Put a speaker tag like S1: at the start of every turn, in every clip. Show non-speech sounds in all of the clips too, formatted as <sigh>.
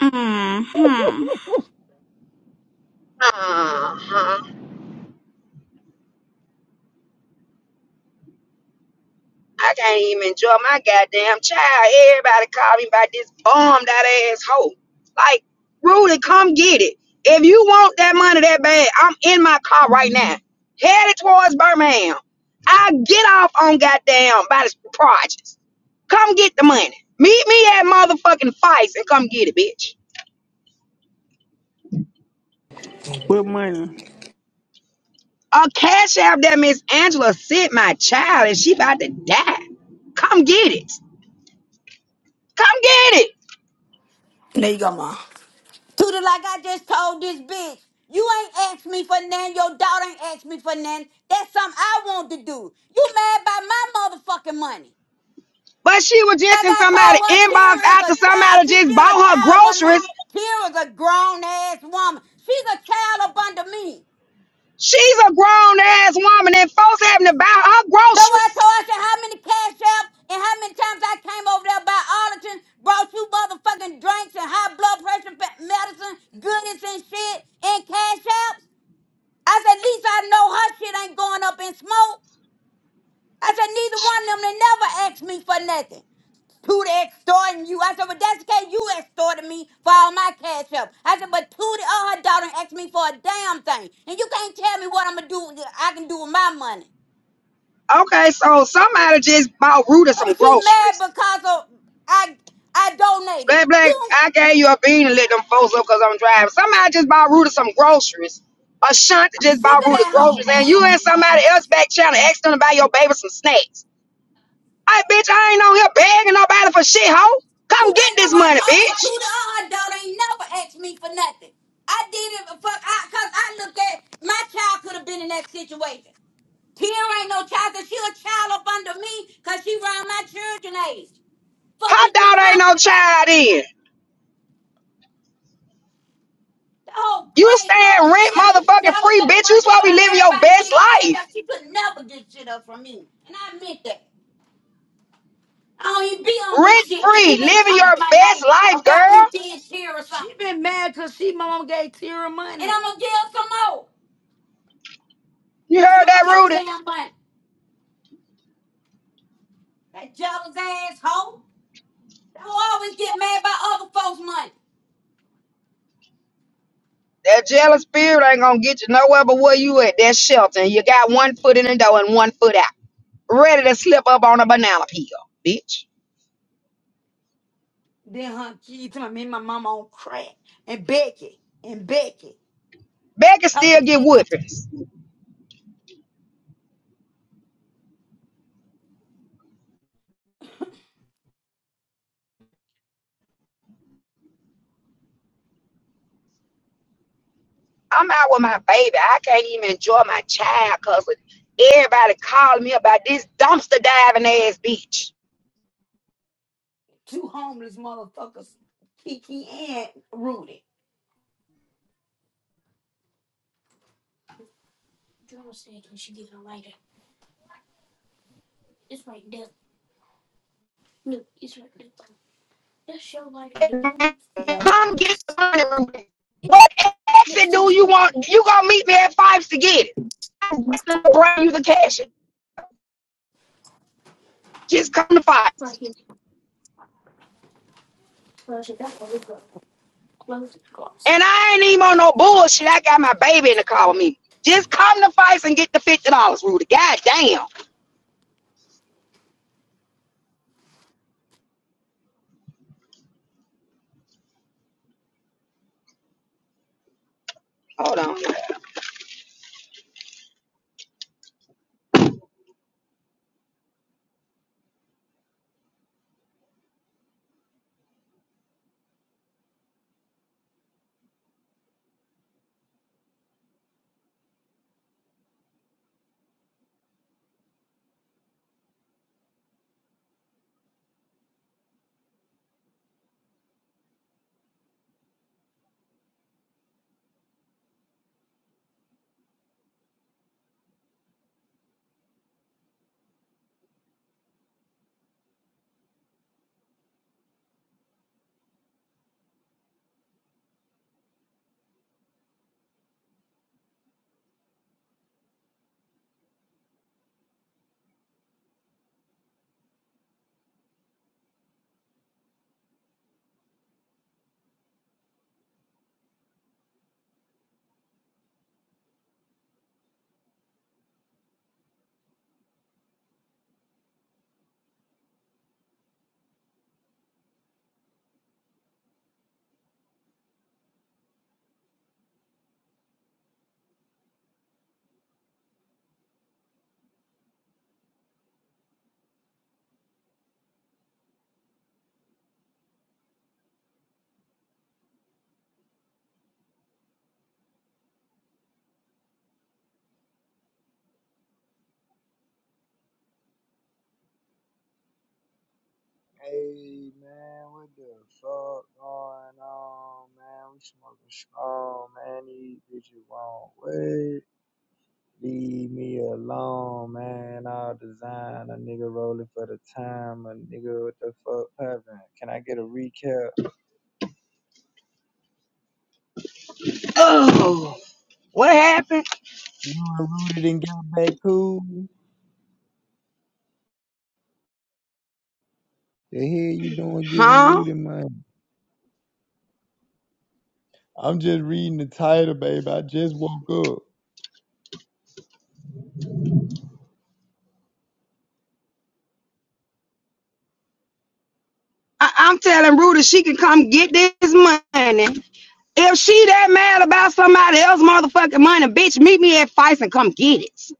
S1: hmm
S2: Uh-huh. I can't even enjoy my goddamn child. Everybody call me about this bummed out asshole. Like, Rudy, come get it. If you want that money that bad, I'm in my car right now. Headed towards Birmingham. I get off on goddamn by this projects. Come get the money. Meet me at motherfucking Fice and come get it, bitch.
S3: Good morning.
S2: A cash app that Miss Angela sent my child and she about to die. Come get it. Come get it.
S4: There you go, Mom. Tuda, like I just told this bitch, you ain't asked me for nothing. Your daughter ain't asked me for nothing. That's something I want to do. You mad about my motherfucking money.
S2: But she was just
S4: Like
S2: in
S4: I told
S2: somebody's
S4: her,
S2: inbox
S4: Tyrion's a
S2: after
S4: child.
S2: somebody
S4: She's
S2: just
S4: still a
S2: bought her
S4: child up under me.
S2: groceries.
S4: Tyrion's a grown ass woman. She's a child up under me.
S2: She's a grown ass woman and folks having to buy her
S4: Though I
S2: groceries.
S4: told her I said, how many cash apps and how many times I came over there by Arlington, brought you motherfucking drinks and high blood pressure pe- medicine, goodies and shit, and cash apps. I said, at least I know her shit ain't going up in smoke. I said, neither one of them, they never asked me for nothing. Tootie extorting you. I said, but that's the case. You extorted me for all my cash up. I said, but Tootie or her daughter asked me for a damn thing. And you can't tell me what I'm going to do, I can do with my money.
S2: Okay, so somebody just bought Ruta
S4: Oh,
S2: some
S4: she mad
S2: groceries.
S4: because of I I donated.
S2: Black, black,
S4: You,
S2: I gave you a bean and let them folks up because I'm driving. Somebody just bought Ruta some groceries. Ashanti
S4: I'm
S2: just
S4: sick of
S2: bought Ruta
S4: that hoe,
S2: groceries and
S4: man.
S2: you and somebody else back channel asked them to buy your baby some snacks. Hey, bitch, I ain't on here begging nobody for shit, hoe.
S4: Two
S2: Come get
S4: days ago,
S2: this
S4: I
S2: money,
S4: told the two
S2: bitch.
S4: the uh dog ain't never asked me for nothing. I did it for fuck. I cause I look at my child could have been in that situation. Tia ain't no child, cause she a child up under me, cause she around my children age.
S2: Her
S4: Fuck is you
S2: daughter ain't no
S4: talking about?
S2: child in.
S4: Oh,
S2: You
S4: crazy.
S2: staying
S4: She
S2: rent
S4: got she
S2: motherfucking
S4: jealous
S2: free, bitch.
S4: on
S2: You supposed to be
S4: cause
S2: living your
S4: everybody
S2: best
S4: get cash
S2: life.
S4: up. She could never get shit up from me. And I meant that. I don't even be on this
S2: Rent
S4: shit.
S2: free.
S4: She been
S2: Living
S4: shouting
S2: your
S4: my name
S2: best life,
S4: about
S2: girl.
S4: me being Tira or something. She been mad because she my mom gave Tira money, And I'm gonna give her some more.
S2: You
S4: That's
S2: heard that, Rudy?
S4: my goddamn money. That jealous ass hoe. That hoe always get mad by other folks' money.
S2: That jealous spirit ain't gonna get you nowhere but where you at. That shelter. And You got one foot in the door and one foot out. Ready to slip up on a banana peel, bitch.
S4: Then her kids, my me and my mama on crack. And Becky, and Becky,
S2: Becky
S4: talking
S2: still get
S4: shit to
S2: whoopings. I'm out with my baby. I can't even enjoy my child cause everybody calling me about this dumpster diving ass bitch.
S4: two homeless motherfuckers, Kiki and Rudy. Yeah.
S2: Come get the money. What exit do you want? You gonna meet me at fives to get it? I'll bring you the cash. Just come to fives. And I ain't even on no bullshit. I got my baby in the car with me. Just come to Fives and get the fifty dollars, Rudy. God damn. Hold on.
S5: Hey man, what the fuck going on, man? We smoking strong, man. These bitches won't wait. Leave me alone, man. I'll design a nigga rolling for the time. A nigga, what the fuck happened? Can I get a recap?
S2: Oh, what happened?
S5: You and Rudy didn't get back cool. The hell you doing giving
S2: Huh?
S5: Rudy money? I'm just reading the title, baby. I just woke up.
S2: I- I'm telling Rudy she can come get this money. If she that mad about somebody else motherfucking money, bitch, meet me at Fives and come get it.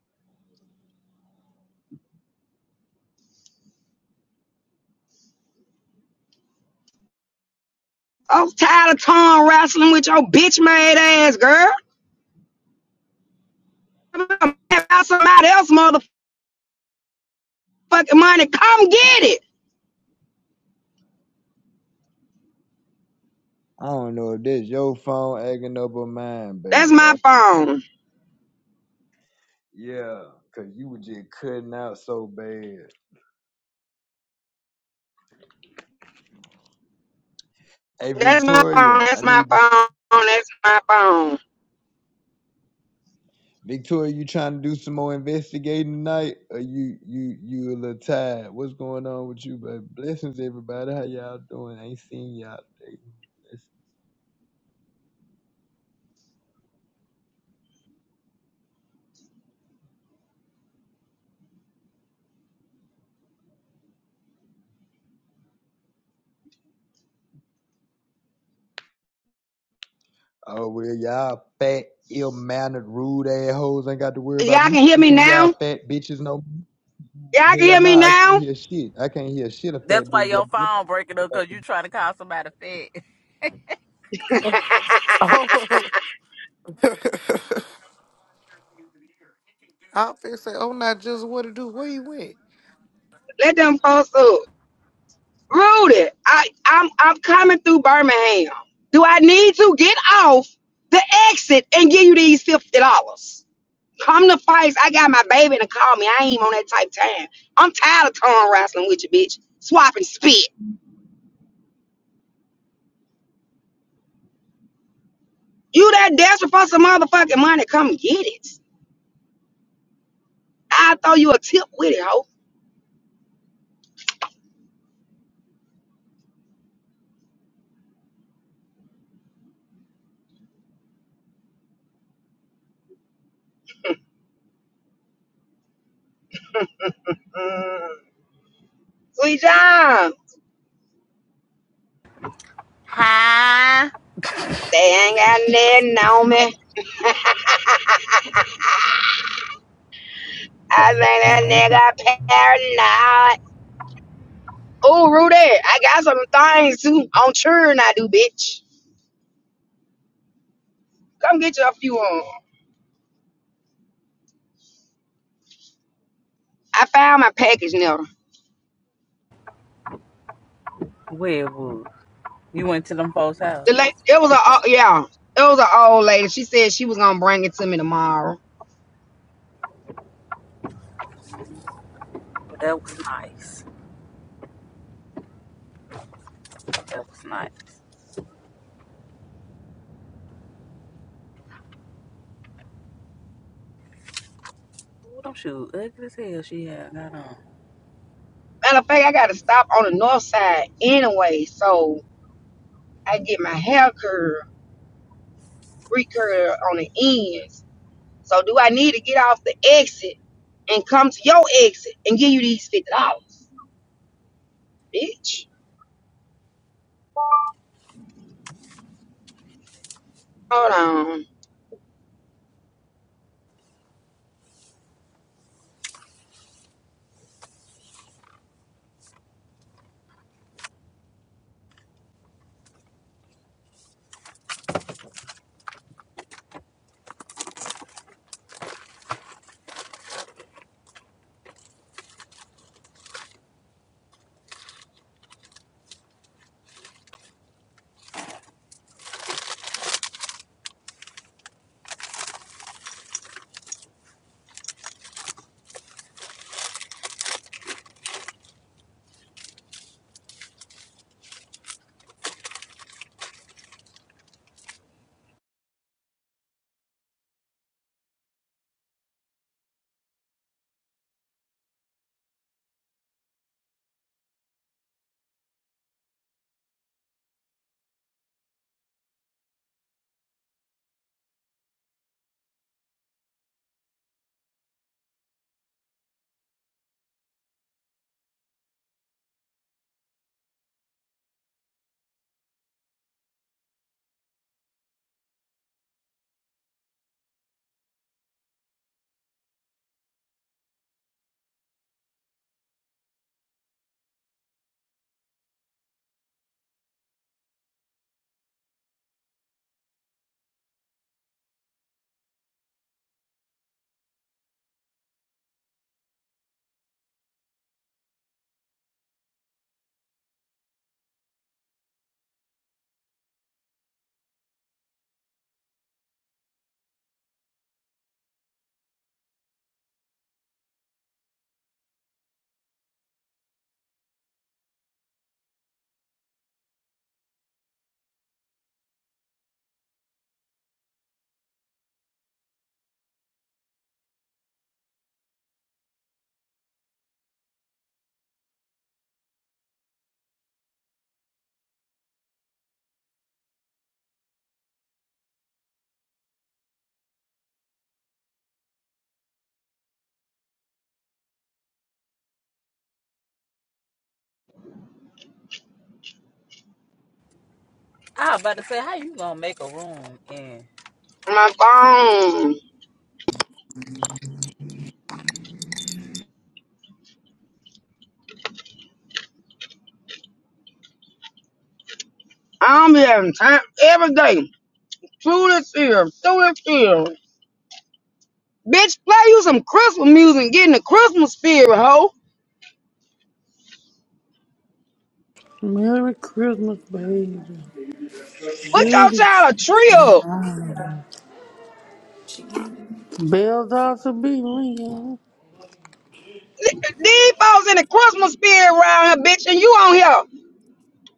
S2: I'm tired of tongue wrestling with your bitch made ass, girl. I'm mad about somebody else motherfucking money. Come get it.
S5: I don't know if that's your phone acting up or mine,
S2: That's
S5: baby.
S2: my phone.
S5: Yeah, cause you were just cutting out so bad. Hey
S2: That's my phone.
S5: Victoria,
S2: That's
S5: I
S2: my
S5: need to
S2: phone. That's my phone.
S5: Victoria, you trying to do some more investigating tonight? Or you you you a little tired? What's going on with you, baby? Blessings everybody. How y'all doing? I ain't seen y'all today. Bless- Oh well y'all fat, ill mannered, rude ass hoes ain't got to worry about
S2: Y'all
S5: me
S2: can hear me
S5: speaking to
S2: now?
S5: y'all fat bitches no more.
S2: Y'all can
S5: Hell
S2: hear me
S5: nah, I can't
S2: now?
S5: hear shit. I can't hear shit a
S6: That's
S5: fat
S6: why
S5: bitch got.
S6: your
S5: to
S6: phone
S5: do.
S6: breaking up because you trying to call somebody fat.
S2: <laughs>
S7: Oh, <laughs> I was finna say, oh, not just what to do. Where you went?
S2: Let them folks up. Rudy, I, I'm I'm coming through Birmingham. Do I need to get off the exit and give you these fifty dollars? Come to fights. I got my baby to call me. I ain't even on that type time. I'm tired of tongue wrestling with you, bitch. Swap and spit. You that desperate for some motherfucking money? Come get it. I will throw you a tip with it, ho. Mm. Sweet John,
S6: Huh?
S2: they ain't got nothing on me. <laughs> I think that nigga paranoid. Ooh, Rudy, I got some things too. I'm sure I do, bitch. Come get you a few on. I found my package now.
S6: Well, boo, you went to them folks' house.
S2: The lady, it was a o- yeah, it was an old lady. She said she was gonna bring it to me tomorrow.
S6: That was nice. That was nice. Ooh, them shoes ugly as hell she had got on.
S2: Matter of fact, I got to stop on the north side anyway, so I get my hair curled, recurl on the ends. So do I need to get off the exit and come to your exit and give you these fifty dollars, bitch? Hold on,
S6: I was about to say, how you gonna make a room in?
S2: my phone. I don't be having time every day. Through this here, through this here. Bitch, play you some Christmas music, get in the Christmas spirit, hoe.
S3: Merry Christmas, baby.
S2: Put your
S3: Surely,
S2: child a trio.
S3: bell dogs will be ringing.
S2: These folks in the Christmas spirit around here, bitch, and you on here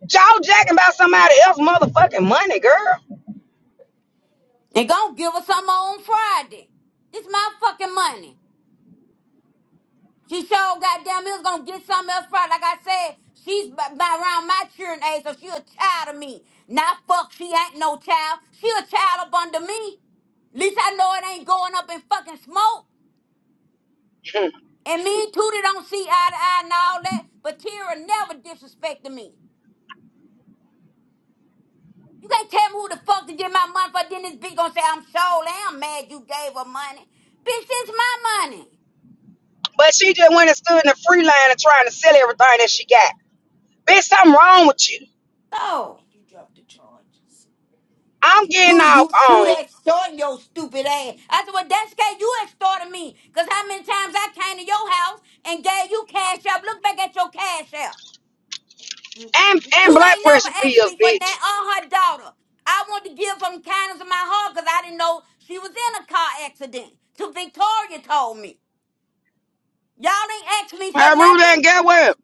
S2: jaw jacking about somebody else motherfucking money, girl.
S4: And gonna give us some on Friday. It's my fucking money. She sure goddamn it was gonna get something else from. it. Like I said, she's b- b- around my children age, so she a child of me. Not fuck, she ain't no child. She a child up under me. Least I know it ain't going up in fucking smoke. And me and Tootie don't see eye to eye and all that, but Tira never disrespected me. You can't tell me who the fuck to get my money for. Then this bitch gonna say I'm sure I'm mad you gave her money. Bitch, it's my money.
S2: But she just went and stood in the free line and trying to sell everything that she got. Bitch, something wrong with you.
S4: So,
S2: I'm getting
S4: Two, you
S2: off
S4: two
S2: on
S4: that extorting your stupid ass. I said, well, that's okay. You extorted me. Because how many times I came to your house and gave you cash up. Look back at your cash up.
S2: and
S4: Two
S2: and blood
S4: ain't
S2: pressure
S4: never asked
S2: pills,
S4: me for that
S2: bitch.
S4: or her daughter. I wanted to give from the kindness of my heart because I didn't know she was in a car accident. Till Victoria told me. Y'all ain't asked me for
S2: I ruled that and
S4: nothing.
S2: get well.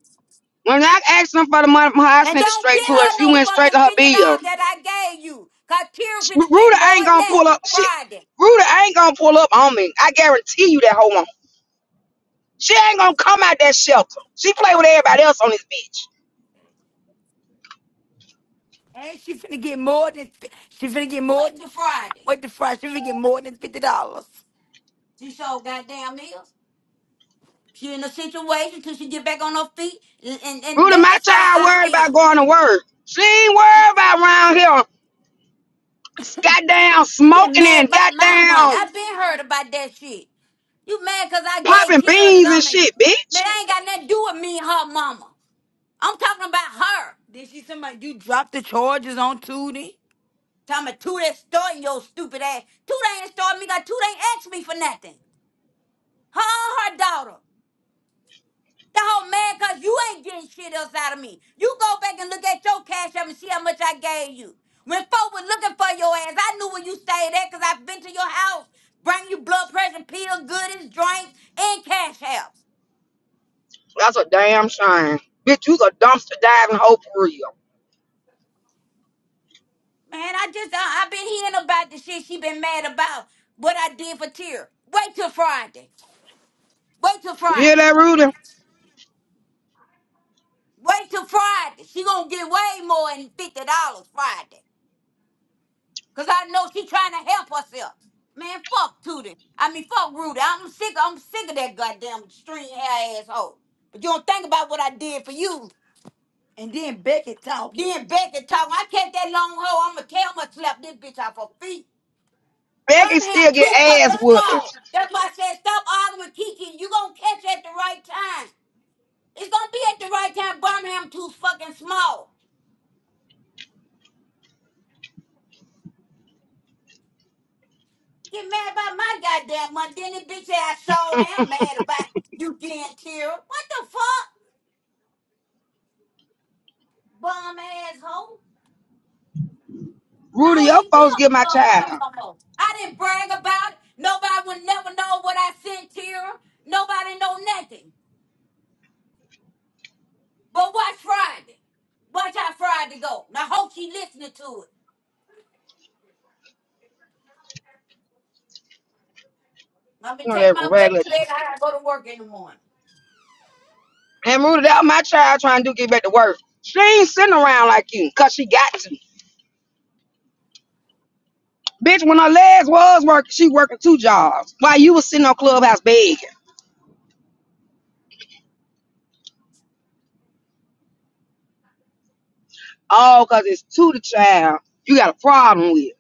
S2: When I asked her for the money from her, I
S4: And
S2: sent it
S4: don't
S2: straight
S4: give
S2: to her.
S4: her
S2: She
S4: no
S2: went straight
S4: fucking
S2: to
S4: $50
S2: her bill.
S4: that I gave you. Cause Tira finna get
S2: Ruda
S4: more
S2: ain't
S4: than
S2: gonna
S4: that
S2: pull up. She,
S4: Friday.
S2: Ruda ain't gonna pull up on me. I guarantee you that hoe won't. She ain't gonna come out that shelter. She play with everybody else on this bitch.
S4: And she finna get more than she finna get more than Friday. Wait the Friday. She finna get more than fifty dollars. She sold goddamn meals. She in a situation till she get back on her feet, and, and, and
S2: Rudy,
S4: that's
S2: my
S4: just how
S2: child worried
S4: I am.
S2: about going to work. She ain't worried about around here goddamn
S4: Getting
S2: smoking
S4: mad
S2: and
S4: about my money. i
S2: goddamn
S4: been heard about that shit. You mad cause I gave
S2: popping
S4: Kira
S2: beans and
S4: something?
S2: shit,
S4: But
S2: bitch.
S4: I ain't got nothing to do with me and her mama. I'm talking about her. Did she somebody you dropped the charges on Tootie? Talking about Tootie starting your stupid ass. Tootie ain't starting me. Got Tootie ain't asked me for nothing. Her and her daughter. That whole man, cause you ain't getting shit else out of me. You go back and look at your cash app and see how much I gave you. When folk was looking for your ass, I knew where you stayed at because I've been to your house, bring you blood pressure pill, goodies, drinks, and cash apps.
S2: That's a damn shame. Bitch, you's a dumpster diving hoe for real.
S4: Man, I just, uh, I, I've been hearing about the shit she been mad about, what I did for Tyr. Wait till Friday. Wait till
S2: You hear
S4: Friday.
S2: that, Rudy?
S4: Wait till Friday. She gonna get way more than $50 Friday. Cause I know she trying to help herself. Man, fuck Tootie. I mean, fuck Rudy. I'm sick. I'm sick of that goddamn string hair asshole. But you don't think about what I did for you. And then Becky talk. Then Becky talk. I catch that long hoe. I'ma tell her to slap this bitch off her feet.
S2: Becky
S4: Birmingham
S2: still
S4: too
S2: get
S4: fucking
S2: ass whoopings.
S4: small. That's why I said stop arguing, Kiki. You gonna catch it at the right time. It's gonna be at the right time. Birmingham too fucking small. Get mad about my goddamn money. Then this bitch ass sure am mad about you getting killed. What the fuck? Bum asshole. I
S2: Rudy,
S4: don't
S2: your
S4: even be
S2: folks
S4: on
S2: get my
S4: Clubhouse
S2: child.
S4: no more. I didn't brag about it. Nobody would never know what I sent Tira. Nobody know nothing. But watch Friday. Watch how Friday go. And I hope she listening to it. I'm gonna
S2: You know
S4: take
S2: that
S4: my butt
S2: regular.
S4: to bed. I gotta go to work in the morning.
S2: And Rudy, that my child trying to do get back to work. She ain't sitting around like you, cause she got to. Bitch, when I last was working, she working two jobs. While you was sitting on Clubhouse begging. Oh, cause it's to the child you got a problem with.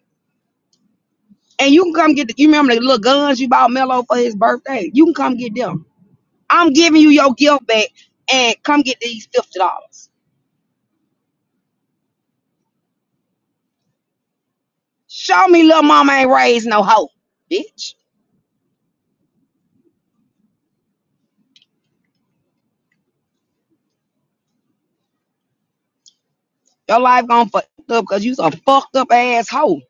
S2: And you can come get the, you remember the little guns you bought Mello for his birthday? You can come get them. I'm giving you your gift back and come get these fifty dollars. Show me little mama ain't raised no hoe, bitch. Your life gone fucked up because you's a fucked up ass hoe.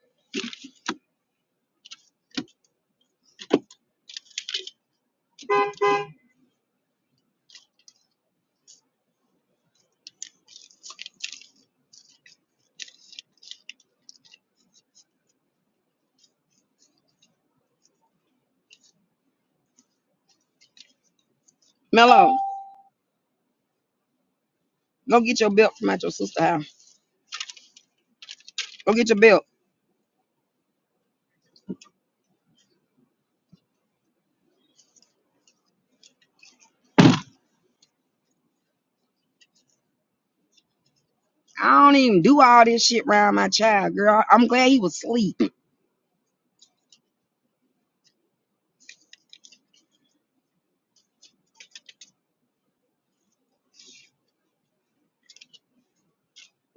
S2: Mello, go get your belt from at your sister's house. Go get your belt. I don't even do all this shit around my child, girl. I'm glad he was asleep.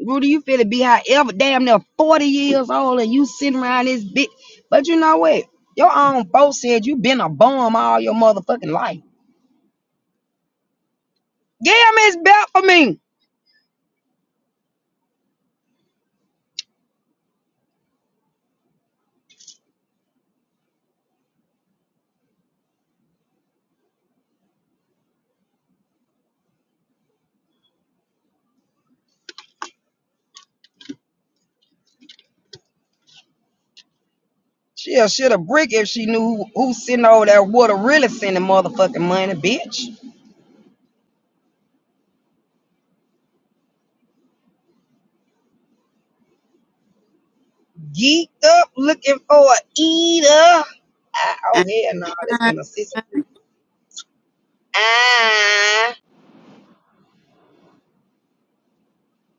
S2: Rudy, you feel to be however damn near 40 years old and you sitting around this bitch. But you know what? Your own folks said you been a bum all your motherfucking life. Damn, it's bad for me. She'll shit a brick if she knew who, who sitting over there would have really sending motherfucking money, bitch. Geeked up looking for a eater. Ah, oh, hell no, that's been a sister freak. Ah,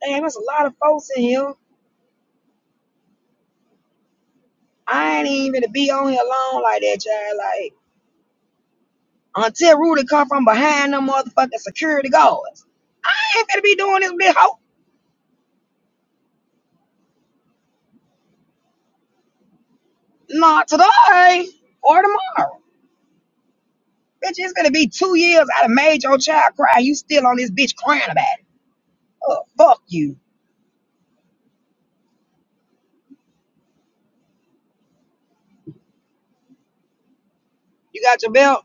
S2: damn, there's a lot of folks in here. I ain't even to be on here alone like that, child. Like. Until Rudy come from behind them motherfucking security guards. I ain't gonna be doing this big hoe. Not today or tomorrow. Bitch, it's gonna be two years I done made your child cry. You still on this bitch crying about it. Oh, fuck you. You got your belt?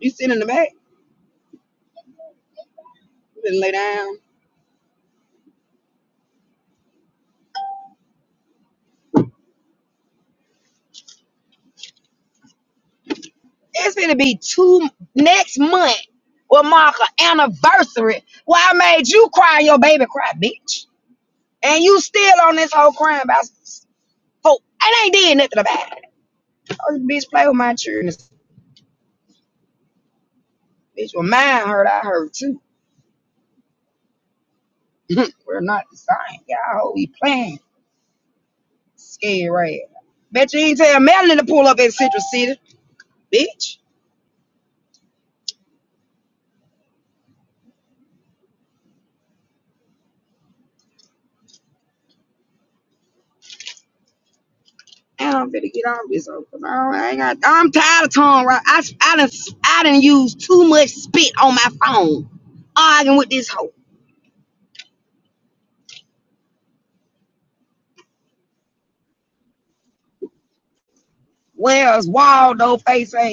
S2: You sitting in the back? You better lay down. It's gonna be two next month will mark an anniversary where I made you cry and your baby cry, bitch. And you still on this whole crying about folk. I ain't did nothing about it. Oh, bitch, play with my children. Bitch, well, mine hurt. I hurt too. <laughs> We're not the same. Y'all we playing. Scared right. Bet you ain't tell Melanie to pull up at Central City, bitch. And I'm finna get on this over. I ain't got. I'm tired of tongue right. I I done I done used too much spit on my phone arguing with this hoe. Where's Waldo face ass?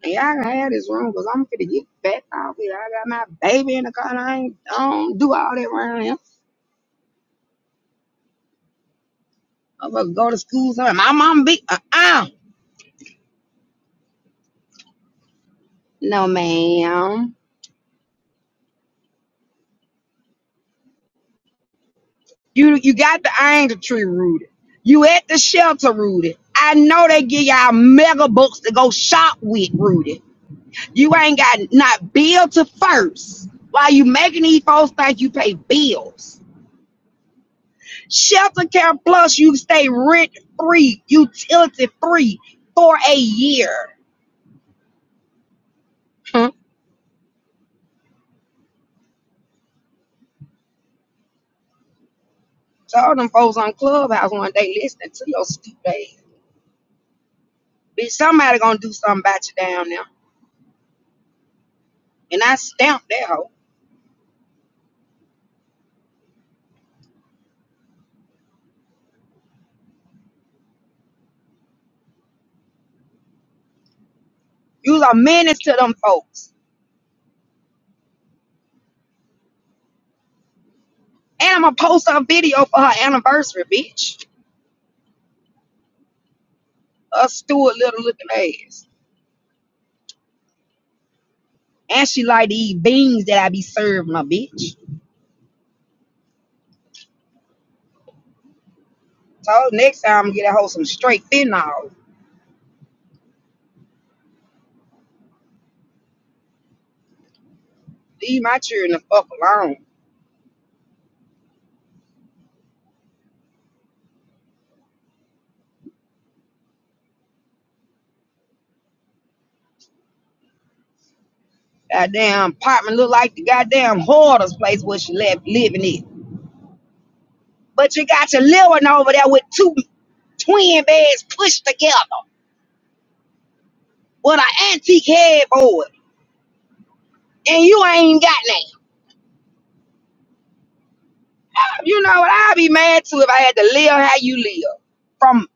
S2: And y'all can this room because I'm finna get back out here. I got my baby in the car. And I ain't I don't do all that around here. I'm gonna go to school somewhere. My mom be uh uh No ma'am. You you got the angel tree rooted. You at the shelter rooted. I know they give y'all mega books to go shop with rooted. You ain't got not bill to first. Why you making these folks think you pay bills? Shelter care plus you stay rent free, utility free for a year. Hmm. Told them folks on Clubhouse one day listening to your stupid ass. Bitch, somebody gonna do something about you down there. And I stamped that hoe. You a menace to them folks. And I'm gonna post her video for her anniversary, bitch. A Stuart little looking ass. And she like to eat beans that I be serving her, bitch. So next time I'm gonna get a hoe some straight fentanyl. Leave my children the fuck alone. Goddamn apartment look like the goddamn hoarder's place where she left living it. But you got your little one over there with two twin beds pushed together with an antique headboard. and you ain't got none. You know what? I'd be mad too if I had to live how you live. From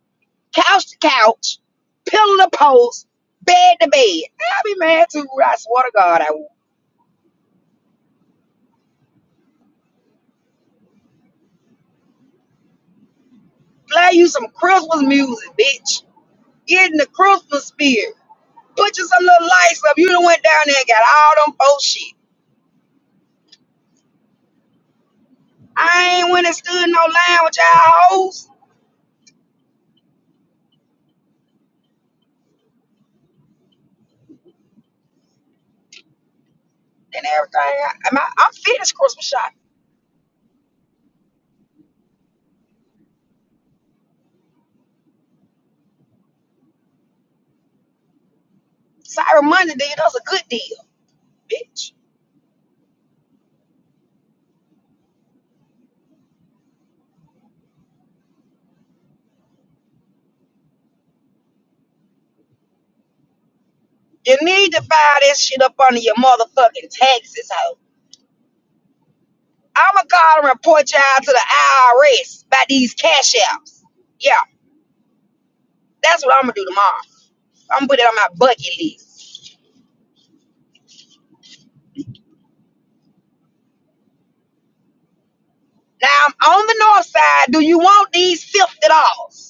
S2: couch to couch, pillow to post, bed to bed. I'd be mad too. I swear to God, I would. Play you some Christmas music, bitch. Get in the Christmas spirit. Put you some little lights up. You done went down there and got all them bullshit. shit. I ain't went and stood in no line with y'all hoes and everything. I, I'm, I'm finished Christmas shopping. Cyber Monday did us a good deal, bitch. You need to file this shit up under your motherfucking taxes, hoe. I'ma call and report y'all to the IRS about these cash apps. Yeah, that's what I'm gonna do tomorrow. I'm gonna put it on my bucket list. Now I'm on the north side. Do you want these fifty dollars?